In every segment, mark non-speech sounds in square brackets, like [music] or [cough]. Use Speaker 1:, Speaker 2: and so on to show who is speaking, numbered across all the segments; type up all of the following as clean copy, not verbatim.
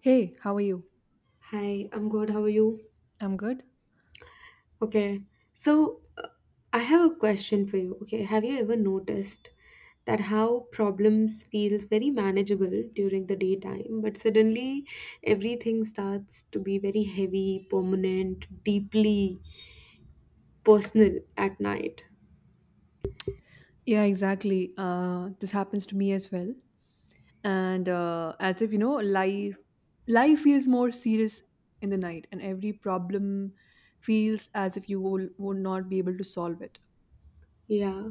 Speaker 1: Hey, how are you?
Speaker 2: Hi, I'm good. How are you?
Speaker 1: I'm good.
Speaker 2: Okay. So, I have a question for you. Okay. Have you ever noticed that how problems feels very manageable during the daytime, but suddenly everything starts to be very heavy, permanent, deeply personal at night?
Speaker 1: Yeah, exactly. This happens to me as well. And as if you know, life feels more serious in the night, and every problem feels as if you would not be able to solve it.
Speaker 2: Yeah.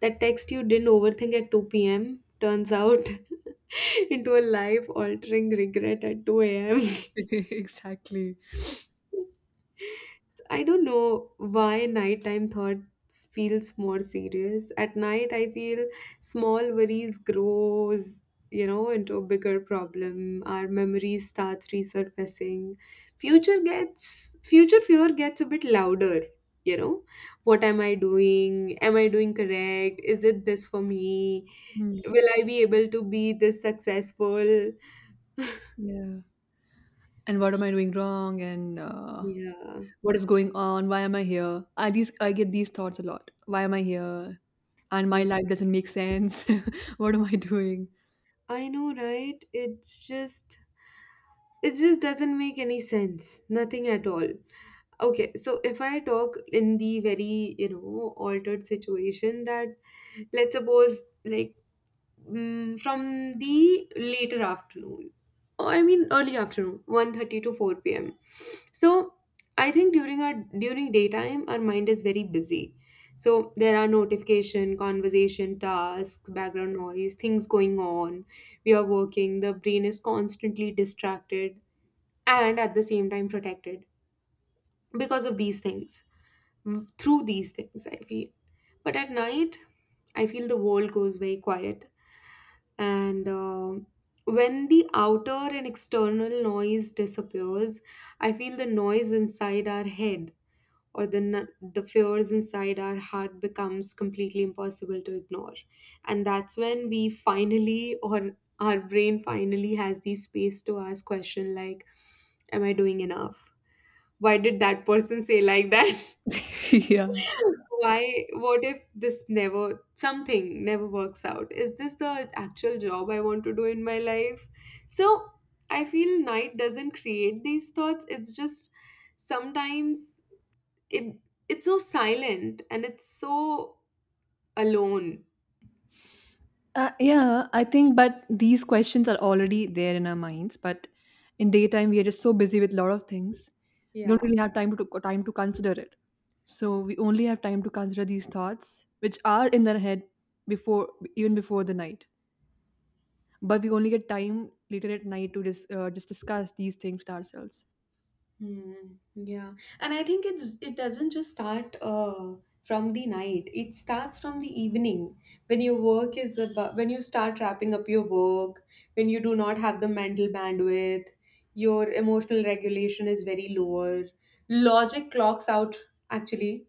Speaker 2: That text you didn't overthink at 2 p.m. turns out [laughs] into a life altering regret at 2 a.m. [laughs]
Speaker 1: [laughs] exactly.
Speaker 2: I don't know why nighttime thoughts feels more serious. At night, I feel small worries grows, into a bigger problem. Our memories start resurfacing. Future fear gets a bit louder. You know, what am I doing? Am I doing correct? Is it this for me?
Speaker 1: Hmm.
Speaker 2: Will I be able to be this successful?
Speaker 1: Yeah. And what am I doing wrong? And
Speaker 2: Yeah.
Speaker 1: what is going on? Why am I here? I get these thoughts a lot. Why am I here? And my
Speaker 2: Hmm.
Speaker 1: life doesn't make sense. [laughs] what am I doing?
Speaker 2: I know, right? It just doesn't make any sense. Nothing at all. Okay, so if I talk in the very, altered situation that, let's suppose, like, from the later afternoon, or I mean early afternoon, 1:30 to 4 p.m. So I think during daytime, our mind is very busy. So there are notification, conversation, tasks, background noise, things going on. We are working. The brain is constantly distracted and at the same time protected because of these things, through these things I feel. But at night, I feel the world goes very quiet. And when the outer and external noise disappears, I feel the noise inside our head, or the fears inside our heart becomes completely impossible to ignore. And that's when we finally, or our brain finally has the space to ask question like, am I doing enough? Why did that person say like that?
Speaker 1: [laughs] yeah.
Speaker 2: [laughs] Why, what if this never, something never works out? Is this the actual job I want to do in my life? So I feel night doesn't create these thoughts. It's just sometimes it it's so silent and it's so alone.
Speaker 1: Yeah, I think, but these questions are already there in our minds. But in daytime, we are just so busy with a lot of things, we don't
Speaker 2: Yeah.
Speaker 1: really have time to consider it. So we only have time to consider these thoughts, which are in their head before, even before the night. But we only get time later at night to just discuss these things with ourselves.
Speaker 2: Hmm. Yeah, and I think it doesn't just start from the night. It starts from the evening when your work is about, when you start wrapping up your work, when you do not have the mental bandwidth, your emotional regulation is very lower. Logic clocks out actually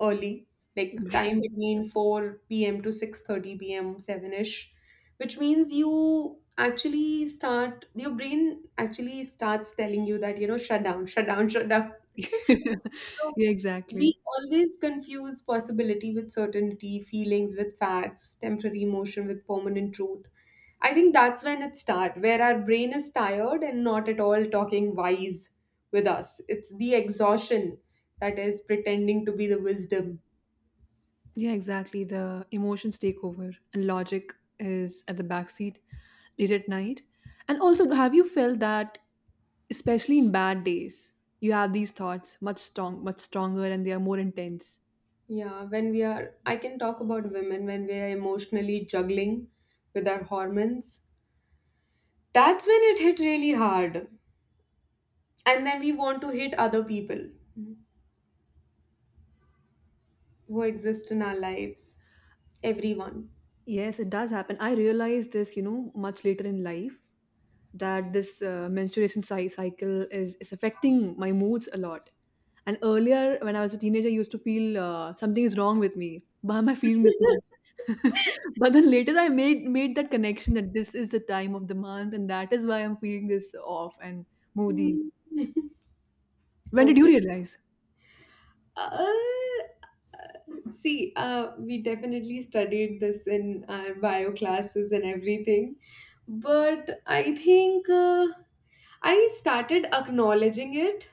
Speaker 2: early, like
Speaker 1: [laughs] yeah,
Speaker 2: time between 4 p.m. to 6:30 p.m., 7-ish, which means you actually start, your brain actually starts telling you that, shut down, [laughs] shut down. So
Speaker 1: exactly.
Speaker 2: we always confuse possibility with certainty, feelings with facts, temporary emotion with permanent truth. I think that's when it starts, where our brain is tired and not at all talking wise with us. It's the exhaustion that is pretending to be the wisdom.
Speaker 1: Yeah, exactly. The emotions take over, and logic is at the backseat, late at night? And also, have you felt that, especially in bad days, you have these thoughts much stronger, and they are more intense?
Speaker 2: Yeah, when we are, I can talk about women when we are emotionally juggling with our hormones. That's when it hit really hard. And then we want to hit other people who exist in our lives. Everyone.
Speaker 1: Yes, it does happen. I realized this, you know, much later in life that this cycle is affecting my moods a lot. And earlier, when I was a teenager, I used to feel something is wrong with me. Why am I feeling this much? [laughs] but then later, I made that connection that this is the time of the month, and that is why I'm feeling this off and moody.
Speaker 2: Mm.
Speaker 1: When did you
Speaker 2: Okay.
Speaker 1: realize?
Speaker 2: Uh, See, we definitely studied this in our bio classes and everything. But I think I started acknowledging it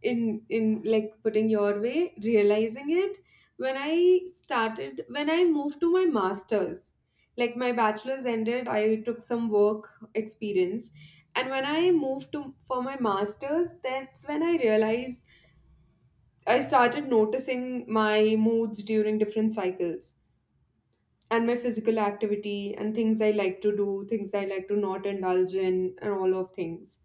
Speaker 2: in like putting your way, realizing it when I moved to my masters. Like my bachelor's ended, I took some work experience, and when I moved to for my masters, that's when I realized I started noticing my moods during different cycles and my physical activity and things I like to do, things I like to not indulge in, and all of things.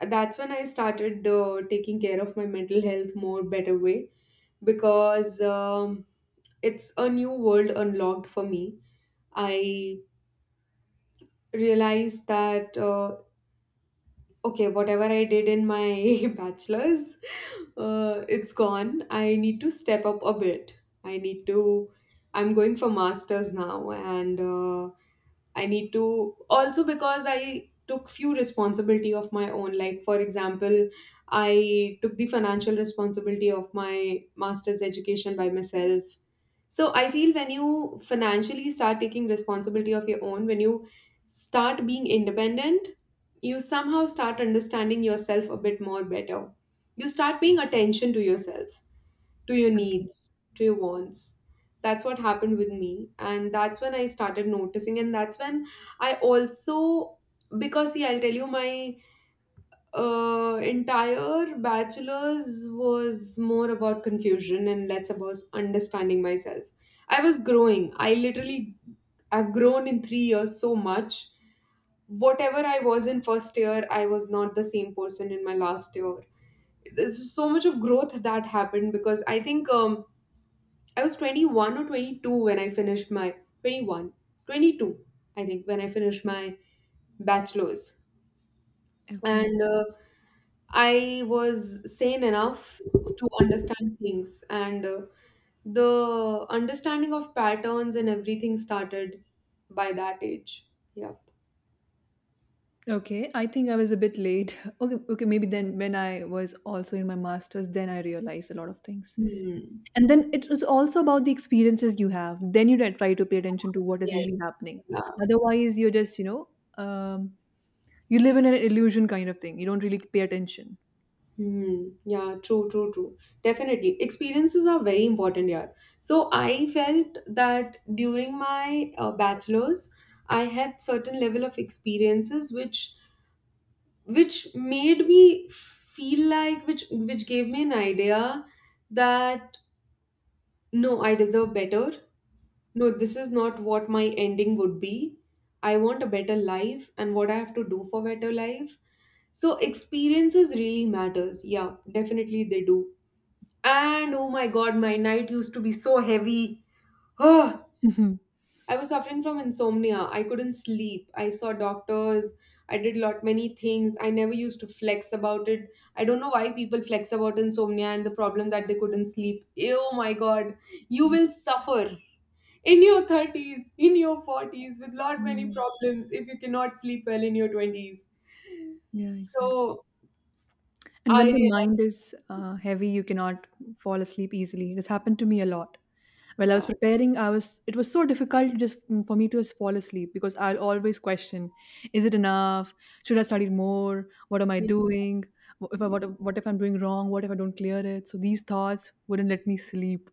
Speaker 2: That's when I started taking care of my mental health more better way because it's a new world unlocked for me. I realized that okay, whatever I did in my [laughs] bachelor's, it's gone. I need to step up a bit. I need to, I'm going for master's now, and I need to also because I took few responsibility of my own. Like for example, I took the financial responsibility of my master's education by myself. So I feel when you financially start taking responsibility of your own, when you start being independent, you somehow start understanding yourself a bit more better. You start paying attention to yourself, to your
Speaker 1: Okay,
Speaker 2: needs, to your wants. That's what happened with me. And that's when I started noticing. And that's when I also, because see, I'll tell you my entire bachelor's was more about confusion and less about understanding myself. I was growing. I literally, I've grown in 3 years so much. Whatever I was in first year, I was not the same person in my last year. There's so much of growth that happened because I think I was 21 or 22 when I finished my 21, 22. I think, when I finished my bachelor's.
Speaker 1: okay,
Speaker 2: And I was sane enough to understand things, and the understanding of patterns and everything started by that age. Yep.
Speaker 1: okay. I think I was a bit late. [laughs] Okay. Maybe then when I was also in my master's, then I realized a lot of things.
Speaker 2: Hmm.
Speaker 1: And then it was also about the experiences you have. Then you don't try to pay attention to what is
Speaker 2: Yeah.
Speaker 1: really happening.
Speaker 2: Yeah.
Speaker 1: Otherwise, you're just, you know, um, you live in an illusion kind of thing. You don't really pay attention.
Speaker 2: Hmm. Yeah. True. True. True. Definitely, experiences are very important. Yeah. So I felt that during my bachelor's, I had certain level of experiences which made me feel like which gave me an idea that no, I deserve better. No, this is not what my ending would be. I want a better life and what I have to do for better life. So experiences really matters. Yeah, definitely they do. And oh my God, my night used to be so heavy. Oh,
Speaker 1: [laughs] yeah,
Speaker 2: I was suffering from insomnia. I couldn't sleep. I saw doctors. I did lot many things. I never used to flex about it. I don't know why people flex about insomnia and the problem that they couldn't sleep. Oh my God, you will suffer in your 30s, in your 40s with lot many
Speaker 1: yeah,
Speaker 2: problems if you cannot sleep well in your 20s,
Speaker 1: yeah, exactly.
Speaker 2: so
Speaker 1: And
Speaker 2: I
Speaker 1: when the
Speaker 2: realize.
Speaker 1: mind is heavy, you cannot fall asleep easily. It has happened to me a lot. While I was
Speaker 2: Yeah,
Speaker 1: preparing, I was it was so difficult just for me to just fall asleep because I'll always question: Is it enough? Should I study more? What am I
Speaker 2: yeah.
Speaker 1: doing? Wh- If I what if I'm doing wrong? What if I don't clear it? So these thoughts wouldn't let me sleep.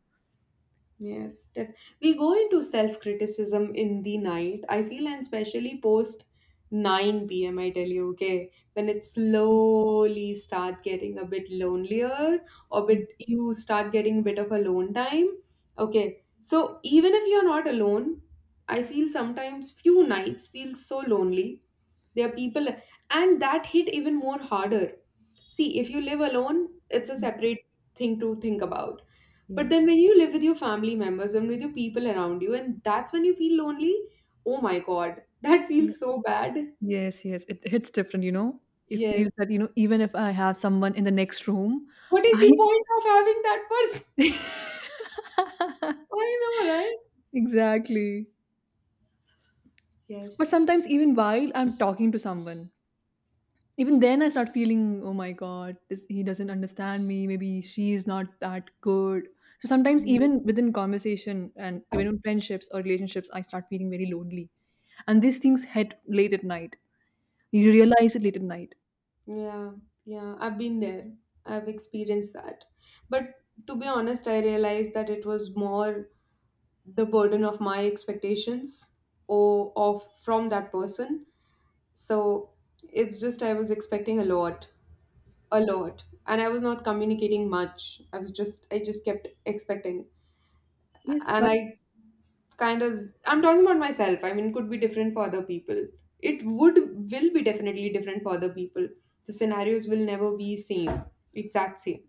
Speaker 2: Yes, we go into self criticism in the night. I feel, and especially post 9 p.m., I tell you, okay, when it slowly start getting a bit lonelier, or
Speaker 1: Mhm.
Speaker 2: bit you start getting a bit of alone time. Okay, so even if you're not alone, I feel sometimes few nights feel so lonely. There are people, and that hit even more harder. See, if you live alone, it's a separate thing to think about. But
Speaker 1: Yeah.
Speaker 2: then when you live with your family members and with your people around you, and that's when you feel lonely, oh my God, [laughs] that
Speaker 1: Yeah.
Speaker 2: feels so bad.
Speaker 1: Yes, yes. It hits different, you know. It
Speaker 2: Yes.
Speaker 1: feels that, you know, even if I have someone in the next room,
Speaker 2: What is
Speaker 1: I
Speaker 2: the point of having that person?
Speaker 1: [laughs]
Speaker 2: I know, right?
Speaker 1: Exactly. But
Speaker 2: Yes.
Speaker 1: sometimes, even while I'm talking to someone, even then I start feeling, oh my god, he doesn't understand me. Maybe she is not that good. So sometimes, even within conversation and even in friendships or relationships, I start feeling very lonely. And these things hit late at night. You
Speaker 2: Mm.
Speaker 1: realize it late at night.
Speaker 2: Yeah. Yeah. I've been there. I've experienced that. But to be honest, I realized that it was more the burden of my expectations, or of from that person. So it's just I was expecting a lot, a lot, and I was not communicating much. I just kept expecting.
Speaker 1: Yes,
Speaker 2: And
Speaker 1: but
Speaker 2: I kind of I'm talking about myself. I mean, it could be different for other people. It would will be definitely different for other people. The scenarios will never be same, exact same.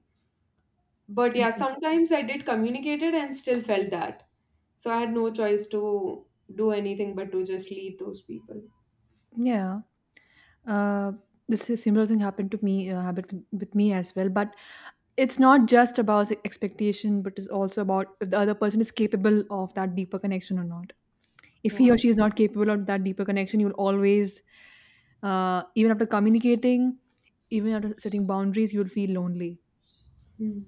Speaker 2: But yeah, sometimes I did communicate it and still felt that, so I had no choice to do anything but to just leave those people.
Speaker 1: yeah. Uh, this is similar thing happened with me as well. But it's not just about expectation, but it's also about if the other person is capable of that deeper connection or not. If he
Speaker 2: Yeah.
Speaker 1: or she is not capable of that deeper connection, you will always, even after communicating, even after setting boundaries, you will feel lonely.
Speaker 2: Hmm.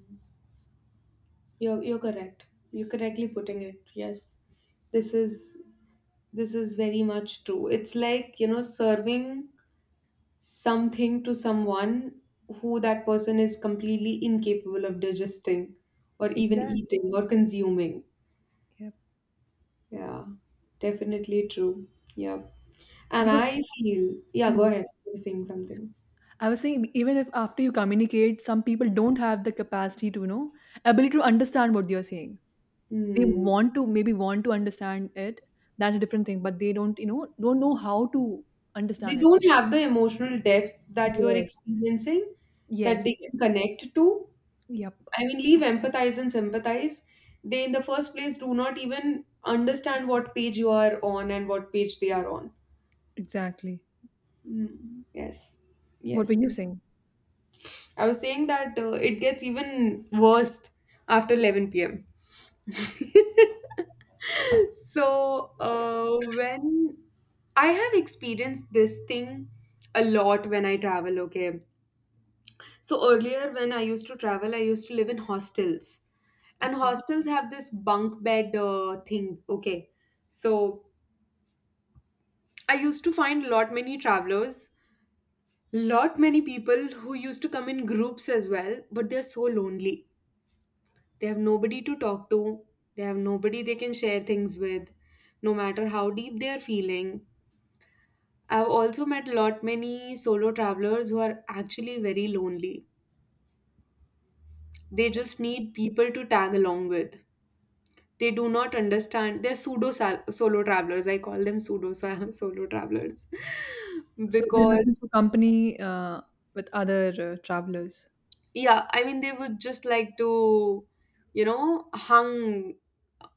Speaker 2: You're correct. You're correctly putting it. Yes. This is This is very much true. It's like, serving something to someone who that person is completely incapable of digesting, or even
Speaker 1: Exactly.
Speaker 2: eating or consuming.
Speaker 1: Yeah.
Speaker 2: Yeah, definitely true. Yep. And
Speaker 1: Because
Speaker 2: I feel, yeah, go
Speaker 1: hmm,
Speaker 2: ahead. You're saying something.
Speaker 1: I was saying, even if after you communicate, some people don't have the capacity to, you know, ability to understand what you're saying. They
Speaker 2: Hmm.
Speaker 1: want to maybe want to understand it. That's a different thing, but they don't, you know, don't know how to
Speaker 2: They
Speaker 1: understand it.
Speaker 2: don't have the emotional depth that you're
Speaker 1: Yes.
Speaker 2: experiencing that
Speaker 1: Yes,
Speaker 2: they can
Speaker 1: yes.
Speaker 2: connect to.
Speaker 1: Yep,
Speaker 2: I mean, leave empathize and sympathize. They, in the first place, do not even understand what page you are on and what page they are on.
Speaker 1: exactly.
Speaker 2: Mm, yes,
Speaker 1: What were
Speaker 2: yes.
Speaker 1: you saying?
Speaker 2: I was saying that it gets even worse after 11 p.m. So, when I have experienced this thing a lot when I travel, okay. So, earlier when I used to travel, I used to live in hostels, and
Speaker 1: Okay.
Speaker 2: hostels have this bunk bed thing, okay. So, I used to find lot many travelers, lot many people who used to come in groups as well, but they're so lonely. They have nobody to talk to, they have nobody they can share things with, no matter how deep they are feeling. I've also met lot many solo travelers who are actually very lonely. They just need people to tag along with. They do not understand. They're pseudo solo travelers. I call them pseudo sa- [laughs] solo travelers [laughs]
Speaker 1: So they're looking
Speaker 2: because
Speaker 1: for company with other travelers.
Speaker 2: Yeah, I mean they would just like to, hung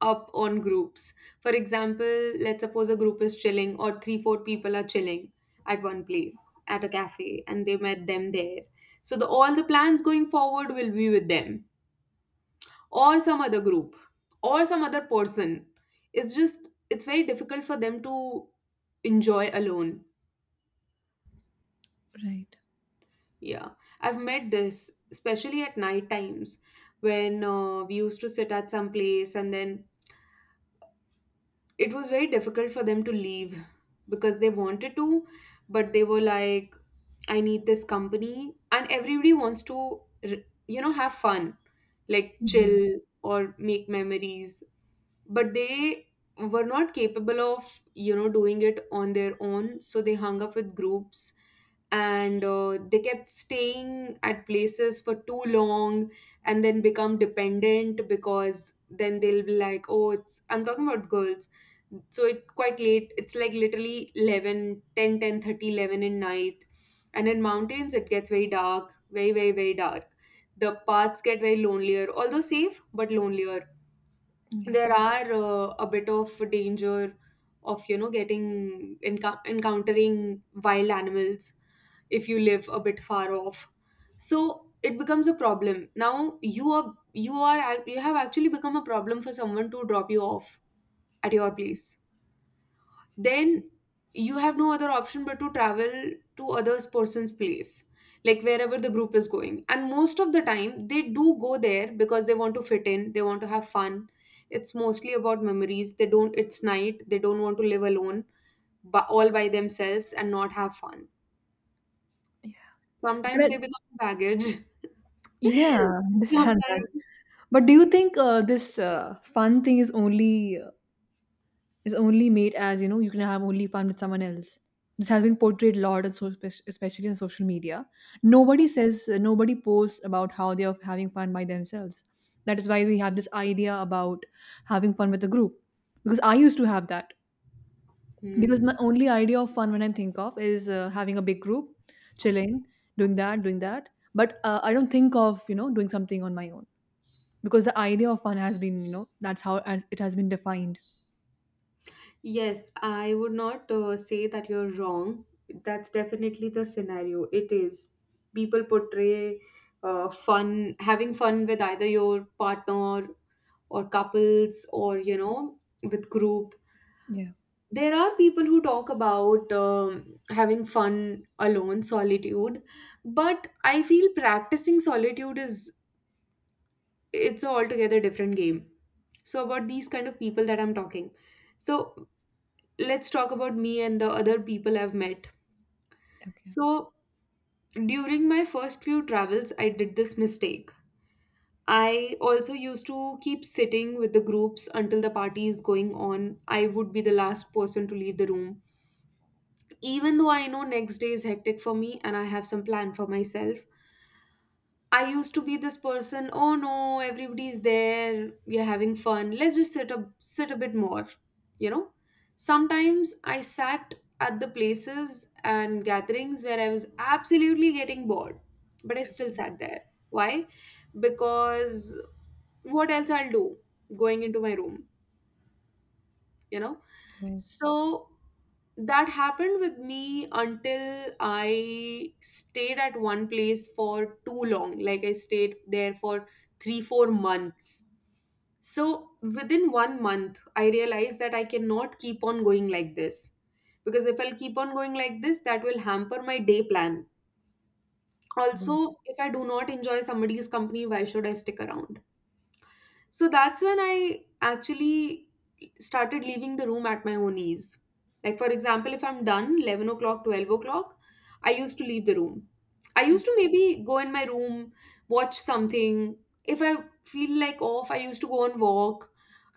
Speaker 2: up on groups. For example, let's suppose a group is chilling or three four people are chilling at one place, at a cafe, and they met them there. So the all the plans going forward will be with them, or some other group, or some other person. It's very difficult for them to enjoy alone.
Speaker 1: Right.
Speaker 2: Yeah, I've met this, especially at night times when we used to sit at some place and then it was very difficult for them to leave. Because they wanted to, but they were like, I need this company. And everybody wants to, r- have fun, like
Speaker 1: Yeah.
Speaker 2: chill or make memories, but they were not capable of doing it on their own, so they hung up with groups. And they kept staying at places for too long, and then become dependent, because then they'll be like, oh, it's I'm talking about girls. So it quite late. It's like literally 11, ten, 10:30, 11 10 in night. And in mountains it gets very dark, very very very dark. The paths get very lonelier, although safe, but lonelier.
Speaker 1: Yeah.
Speaker 2: There are a bit of danger of getting encountering wild animals if you live a bit far off. So it becomes a problem. Now you are you have actually become a problem for someone to drop you off at your place. Then you have no other option but to travel to other person's place, like wherever the group is going. And most of the time they do go there because they want to fit in, they want to have fun. It's mostly about memories. They don't It's night, they don't want to live alone, but all by themselves, and not have fun.
Speaker 1: Yeah. But
Speaker 2: Sometimes they become baggage.
Speaker 1: yeah, I
Speaker 2: [laughs]
Speaker 1: understand that.
Speaker 2: Sometimes.
Speaker 1: But do you think this fun thing is only made as you know you can have only fun with someone else, this has been portrayed a lot, and so especially on social media, nobody says, nobody posts about how they are having fun by themselves. That is why we have this idea about having fun with a group, because I used to have that. Because
Speaker 2: Hmm.
Speaker 1: my only idea of fun when I think of is having a big group chilling, doing that. But I don't think of you know doing something on my own, because the idea of fun has been you know that's how as it has been defined.
Speaker 2: Yes, I would not say that you're wrong. That's definitely the scenario. It is. People portray fun, having fun, with either your partner or couples or, you know, with group.
Speaker 1: Yeah,
Speaker 2: There are people who talk about having fun alone, solitude, but I feel practicing solitude is, it's a altogether different game. So about these kind of people that I'm talking. So let's talk about me and the other people I've met.
Speaker 1: okay,
Speaker 2: So, during my first few travels, I did this mistake. I also used to keep sitting with the groups until the party is going on. I would be the last person to leave the room. Even though I know next day is hectic for me and I have some plan for myself, I used to be this person, oh no, everybody's there, we're having fun. Let's just sit a bit more, you know? Sometimes I sat at the places and gatherings where I was absolutely getting bored, but I still sat there. Why? Because what else I'll do, going into my room, you know?
Speaker 1: right.
Speaker 2: So that happened with me until I stayed at one place for too long. Like I stayed there for three, 4 months. So within one month, I realized that I cannot keep on going like this. Because if I'll keep on going like this, that will hamper my day plan. Also, if I do not enjoy somebody's company, why should I stick around? So that's when I actually started leaving the room at my own ease. Like, for example, if I'm done 11 o'clock, 12 o'clock, I used to leave the room. I used to maybe go in my room, watch something. If I feel like off, I used to go and walk.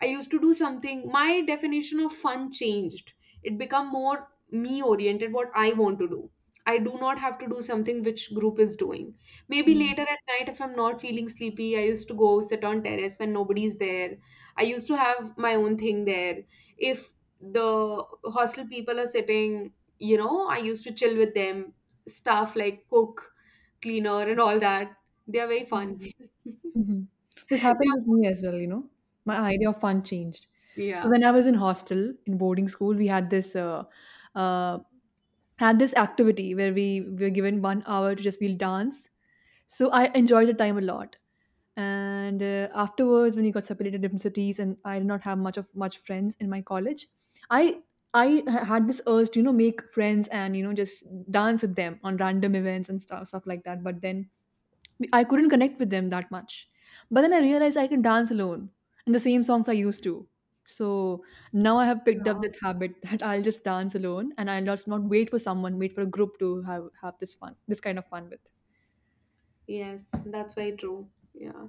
Speaker 2: I used to do something. My definition of fun changed. It become more me oriented, what I want to do. I do not have to do something which group is doing. Maybe
Speaker 1: Yeah.
Speaker 2: later at night, if I'm not feeling sleepy, I used to go sit on terrace when nobody's there. I used to have my own thing there. If the hostel people are sitting, you know, I used to chill with them. Stuff like cook, cleaner, and all that. They are very fun. [laughs]
Speaker 1: Mhm. This
Speaker 2: They
Speaker 1: happened
Speaker 2: are-
Speaker 1: with me as well, you know. My idea of fun changed. So
Speaker 2: Yeah.
Speaker 1: when I was in hostel in boarding school, we uh, had this activity where we were given 1 hour to just we'll dance. So I enjoyed the time a lot. And afterwards, when we got separated in different cities, and I did not have much friends in my college, I had this urge to you know make friends and you know just dance with them on random events and stuff like that. But then I couldn't connect with them that much. But then I realized I can dance alone in the same songs I used to. So now I have picked up
Speaker 2: Yeah.
Speaker 1: that habit [laughs] that I'll just dance alone and I'll just not wait for someone, wait for a group to have this fun, this kind of fun with.
Speaker 2: Yes, that's very true. Yeah.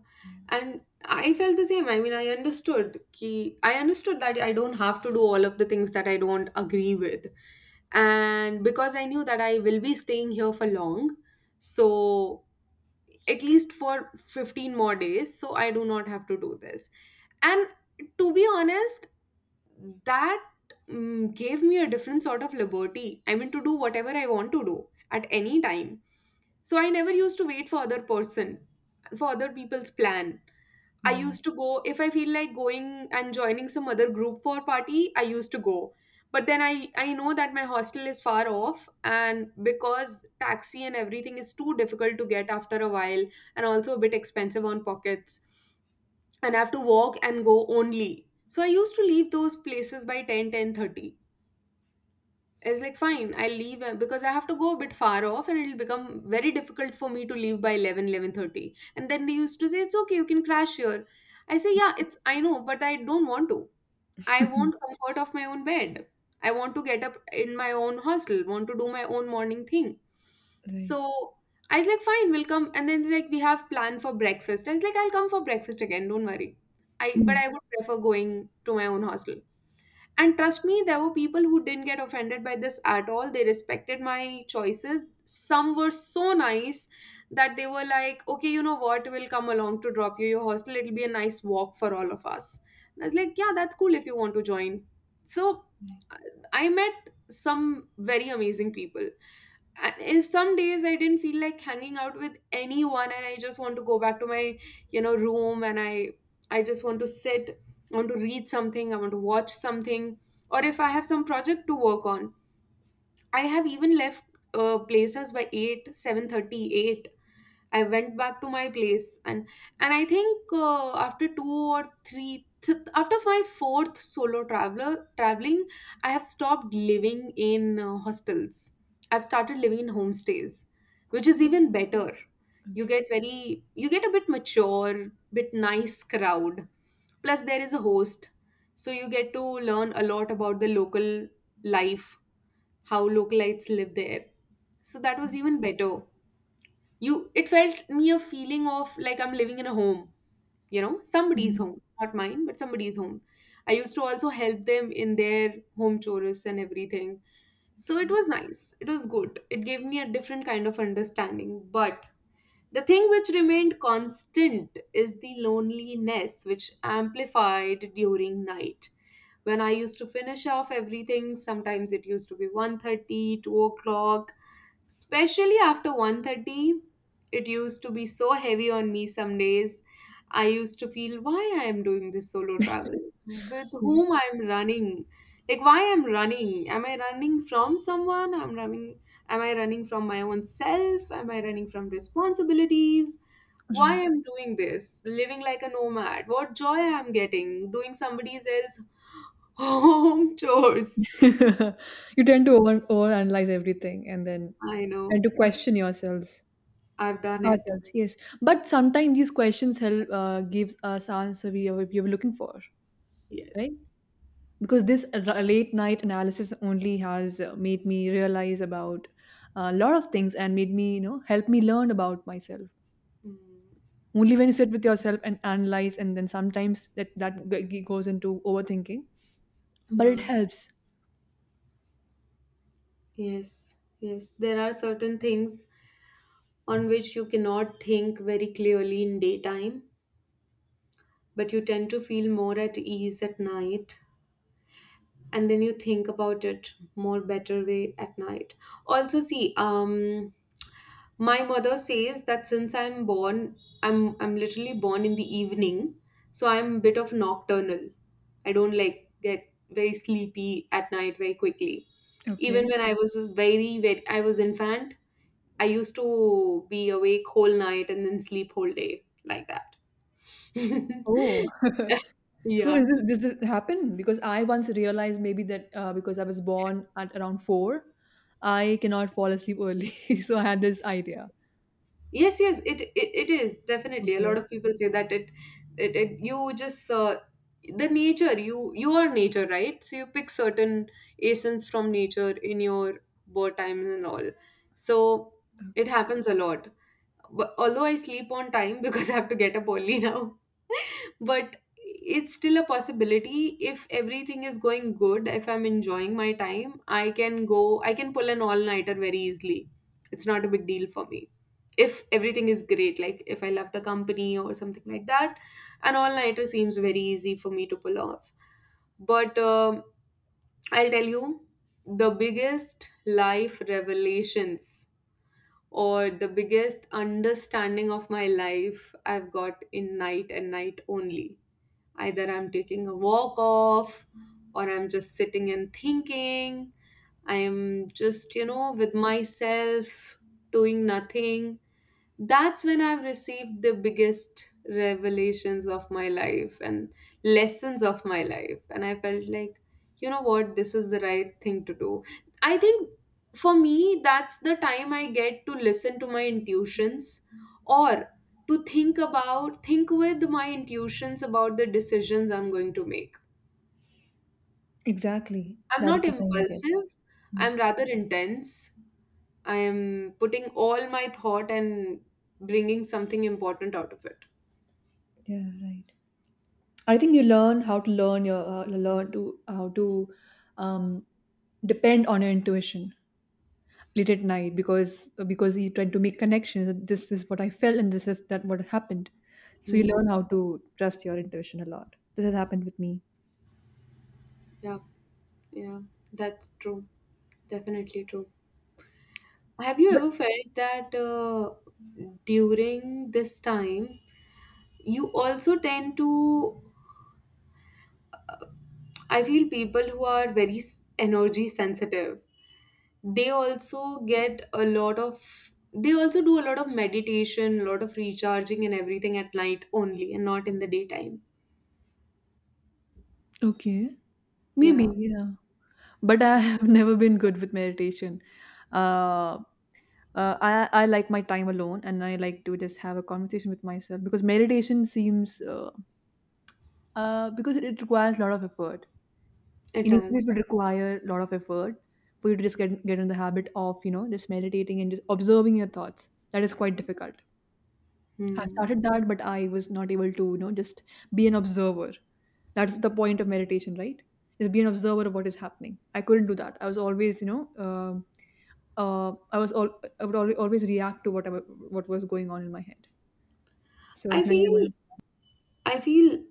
Speaker 2: And I felt the same. I mean, I understood that I don't have to do all of the things that I don't agree with. And because I knew that I will be staying here for long, so at least for 15 more days, so I do not have to do this. And, to be honest, that gave me a different sort of liberty. I mean, to do whatever I want to do at any time. So I never used to wait for other people's plan. I
Speaker 1: Right.
Speaker 2: used
Speaker 1: [laughs]
Speaker 2: to go. If I feel like going and joining some other group for party, I used to go. But then I know that my hostel is far off, and because taxi and everything is too difficult to get after a while, and also a bit expensive on pockets, and I have to walk and go only. So I used to leave those places by 10, 10:30. It's like, fine, I'll leave, because I have to go a bit far off and it'll become very difficult for me to leave by 11, 11:30. And then they used to say, it's okay, you can crash here. I say, yeah, it's I know, but I don't want to. I want comfort of my own bed. I want to get up in my own hostel, want to do my own morning thing. So
Speaker 1: Right.
Speaker 2: I was like, fine, we'll come. And then it's like, we have planned for breakfast. I was like, I'll come for breakfast again, don't worry. i
Speaker 1: Hmm.
Speaker 2: but i would prefer going to my own hostel. And trust me, there were people who didn't get offended by this at all. They respected my choices. Some were so nice that they were like, okay, you know what, we'll come along to drop you your hostel. It'll be a nice walk for all of us. And I was like, yeah, that's cool if you want to join. So I I met some very amazing people. If some days I didn't feel like hanging out with anyone and I just want to go back to my, you know, room, and I just want to sit, I want to read something, I want to watch something, or if I have some project to work on, I have even left places by 8 7:38. I went back to my place. And I think after two or three th- after my fourth solo traveler traveling, I have stopped living in hostels. I've started living in homestays, which is even better. You
Speaker 1: Okay.
Speaker 2: get a bit mature, bit nice crowd. Plus there is a host, so you get to learn a lot about the local life, how localites live there. So that was even better. You it felt me a feeling of like I'm living in a home, you know, somebody's
Speaker 1: Mhm.
Speaker 2: home, not mine, but somebody's home. I used to also help them in their home chores and everything. So it
Speaker 1: Okay.
Speaker 2: was nice. It was good. It gave me a different kind of understanding. But the thing which remained constant is the loneliness which amplified during night. When I used to finish off everything, sometimes it used to be 1:30, 2 o'clock. Especially after 1:30, it used to be so heavy on me some days. I used to feel, why I am doing this solo travel, with
Speaker 1: Yeah.
Speaker 2: whom I am running. Like why I'm running? Am I running from someone? I'm running, am I running from my own self, am I running from responsibilities? Why
Speaker 1: Right.
Speaker 2: I'm doing this, living like a nomad? What joy I'm getting doing somebody else [laughs] home chores.
Speaker 1: [laughs] You tend to overanalyze everything and then
Speaker 2: I know.
Speaker 1: and to question yourselves.
Speaker 2: I've done it.
Speaker 1: Ourselves, yes. But sometimes these questions help gives us answer we are looking for, right?
Speaker 2: Yes.
Speaker 1: Because this late night analysis only has made me realize about a lot of things and made me you know help me learn about myself.
Speaker 2: Mm,
Speaker 1: Only when you sit with yourself and analyze, and then sometimes that goes into overthinking, but it
Speaker 2: yeah.
Speaker 1: helps.
Speaker 2: Yes. Yes, there are certain things on which you cannot think very clearly in daytime, but you tend to feel more at ease at night, and then you think about it more better way at night. Also see, my mother says that since I'm born, I'm literally born in the evening, so I'm a bit of nocturnal. I don't like get very sleepy at night very quickly. Even
Speaker 1: Okay,
Speaker 2: when I was just very very I was infant, I used to be awake whole night and then sleep whole day like that.
Speaker 1: oh. [laughs]
Speaker 2: [laughs]
Speaker 1: So
Speaker 2: Yeah.
Speaker 1: is this does this happen because I once realized maybe that because I was born at around 4, I cannot fall asleep early. [laughs] So I had this idea.
Speaker 2: Yes, yes, it is definitely. A lot
Speaker 1: Okay,
Speaker 2: of people say that it you just the nature, you are nature, right? So you pick certain essence from nature in your birth time and all. So it
Speaker 1: okay,
Speaker 2: happens a lot. But although I sleep on time because [laughs] I have to get up early now, but it's still a possibility. If everything is going good, if I'm enjoying my time, I can go, I can pull an all nighter very easily. It's not a big deal for me if everything is great, like if I love the company or something like that, an all nighter seems very easy for me to pull off. But I'll tell you, the biggest life revelations, or the biggest understanding of my life, I've got in night and night only. Either I'm taking a walk off, or I'm just sitting and thinking. I'm just, you know, with myself, doing nothing. That's when I've received the biggest revelations of my life and lessons of my life. And I felt like, you know what, this is the right thing to do. I think for me, that's the time I get to listen to my intuitions or to think about, think with my intuitions about the decisions I'm going to make.
Speaker 1: exactly.
Speaker 2: I'm
Speaker 1: That is
Speaker 2: not
Speaker 1: the time you get.
Speaker 2: impulsive,
Speaker 1: Mm,
Speaker 2: I'm rather intense. I am putting all my thought and bringing something important out of it.
Speaker 1: yeah, right. I think you learn how to learn to how to um, depend on your intuition late at night, because you try to make connections. That This is what I felt, and this is that what happened. So you
Speaker 2: Mm,
Speaker 1: learn how to trust your intuition a lot. This has happened with me.
Speaker 2: yeah, yeah, that's true. Definitely true. Have you
Speaker 1: But
Speaker 2: ever felt that during this time, you also tend to, I feel people who are very energy sensitive, they also get a lot of, they also do a lot of meditation, a lot of recharging and everything at night only and not in the daytime.
Speaker 1: okay, maybe
Speaker 2: Yeah,
Speaker 1: yeah. But I have [laughs] never been good with meditation. Uh, I I like my time alone, and I like to just have a conversation with myself, because meditation seems because it requires a lot of effort.
Speaker 2: it
Speaker 1: Initially, it
Speaker 2: does.
Speaker 1: would require a lot of effort for you to just get in the habit of you know just meditating and just observing your thoughts. That is quite difficult. I've
Speaker 2: Hmm.
Speaker 1: started that, but I was not able to you know just be an observer. That's the point of meditation, right? Is be an observer of what is happening. I couldn't do that. I was always you know. um I was all, I would always react to whatever what was going on in my head. So I
Speaker 2: I
Speaker 1: was never able
Speaker 2: feel
Speaker 1: to-
Speaker 2: I feel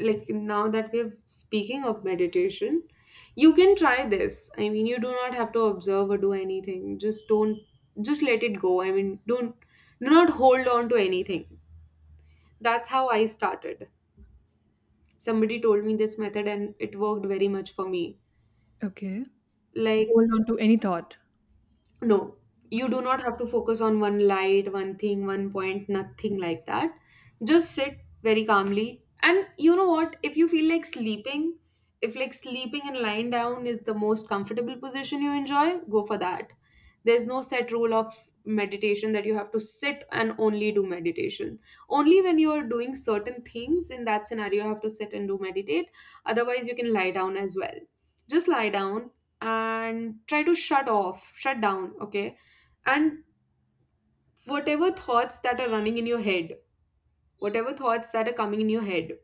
Speaker 2: like now that we're speaking of meditation, you can try this. I mean, you do not have to observe or do anything. Just don't, just let it go. I mean, don't, do not hold on to anything. That's how I started. Somebody told me this method and it worked very much for me.
Speaker 1: okay.
Speaker 2: Like,
Speaker 1: Hold on to any thought.
Speaker 2: no, you
Speaker 1: Okay.
Speaker 2: do not have to focus on one light, one thing, one point, nothing like that. Just sit very calmly. And you know what? If you feel like sleeping, if like sleeping and lying down is the most comfortable position you enjoy, go for that. There's no set rule of meditation that you have to sit and only do meditation. Only when you're doing certain things in that scenario, you have to sit and do meditate. Otherwise, you can lie down as well, just lie down and try to shut off, shut down, okay? And whatever thoughts that are running in your head, whatever thoughts that are coming in your head,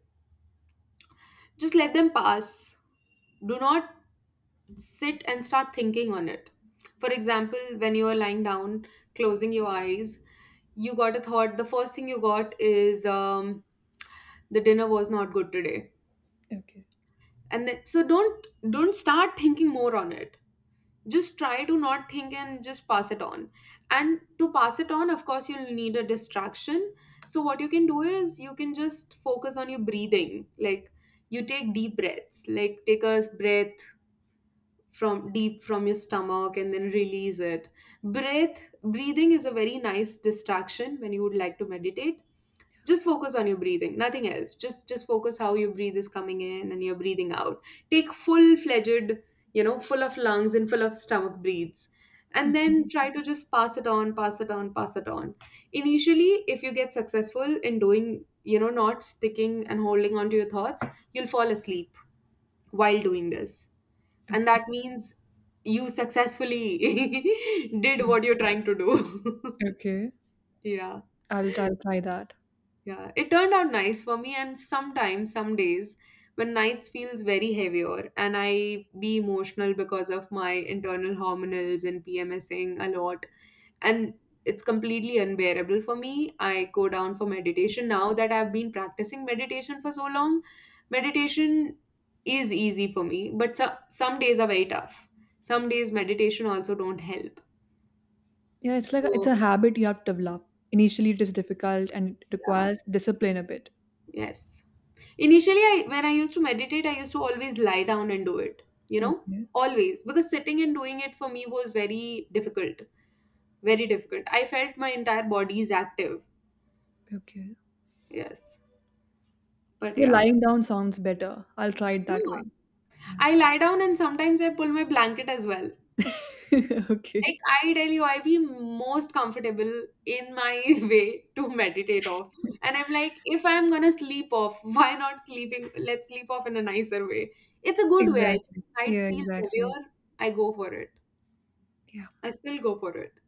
Speaker 2: just let them pass. Do not sit and start thinking on it. For example, when you are lying down, closing your eyes, you got a thought. The first thing you got is the dinner was not good today,
Speaker 1: Okay.
Speaker 2: and then, so don't start thinking more on it, just try to not think and just pass it on. And to pass it on, of course you'll need a distraction. So what you can do is you can just focus on your breathing. Like, you take deep breaths, like take a breath from deep from your stomach and then release it. Breathing is a very nice distraction when you would like to meditate. Just focus on your breathing, nothing else, just focus how your breathe is coming in and you're breathing out. Take full fledged, you know, full of lungs and full of stomach breaths. And
Speaker 1: Okay.
Speaker 2: then try to just pass it on, pass it on, pass it on. Initially, if you get successful in doing, you know, not sticking and holding on to your thoughts, you'll fall asleep while doing this. And
Speaker 1: Okay.
Speaker 2: that means you successfully [laughs] did what you're trying to do. [laughs]
Speaker 1: Okay.
Speaker 2: Yeah.
Speaker 1: I'll try, that.
Speaker 2: Yeah, it turned out nice for me, and sometimes, some days, when nights feels very heavier, and I be emotional because of my internal hormonals and PMSing a lot, and it's completely unbearable for me. I go down for meditation now that I've been practicing meditation for so long. Meditation is easy for me, but so, some days are very tough. Some days meditation also don't help.
Speaker 1: Yeah, it's like it's
Speaker 2: So
Speaker 1: a habit you have to develop. Initially, it is difficult and it
Speaker 2: yeah,
Speaker 1: requires discipline a bit.
Speaker 2: yes. Initially, I when I used to meditate, I used to always lie down and do it, you know,
Speaker 1: Okay,
Speaker 2: always, because sitting and doing it for me was very difficult, very difficult. I felt my entire body is active.
Speaker 1: okay.
Speaker 2: Yes, but
Speaker 1: Yeah,
Speaker 2: yeah.
Speaker 1: lying down sounds better. I'll try it that
Speaker 2: Yeah.
Speaker 1: way. Yeah.
Speaker 2: I lie down and sometimes I pull my blanket as well.
Speaker 1: [laughs]
Speaker 2: Like
Speaker 1: okay.
Speaker 2: I tell you, I be most comfortable in my [laughs] way to meditate off. And I'm like, if I'm gonna sleep off, [laughs] why not sleeping? Let's sleep off in a nicer way. It's a good way. I
Speaker 1: Exactly.
Speaker 2: night
Speaker 1: Yeah,
Speaker 2: feels
Speaker 1: exactly.
Speaker 2: heavier. I go for it.
Speaker 1: Yeah.
Speaker 2: I still go for it.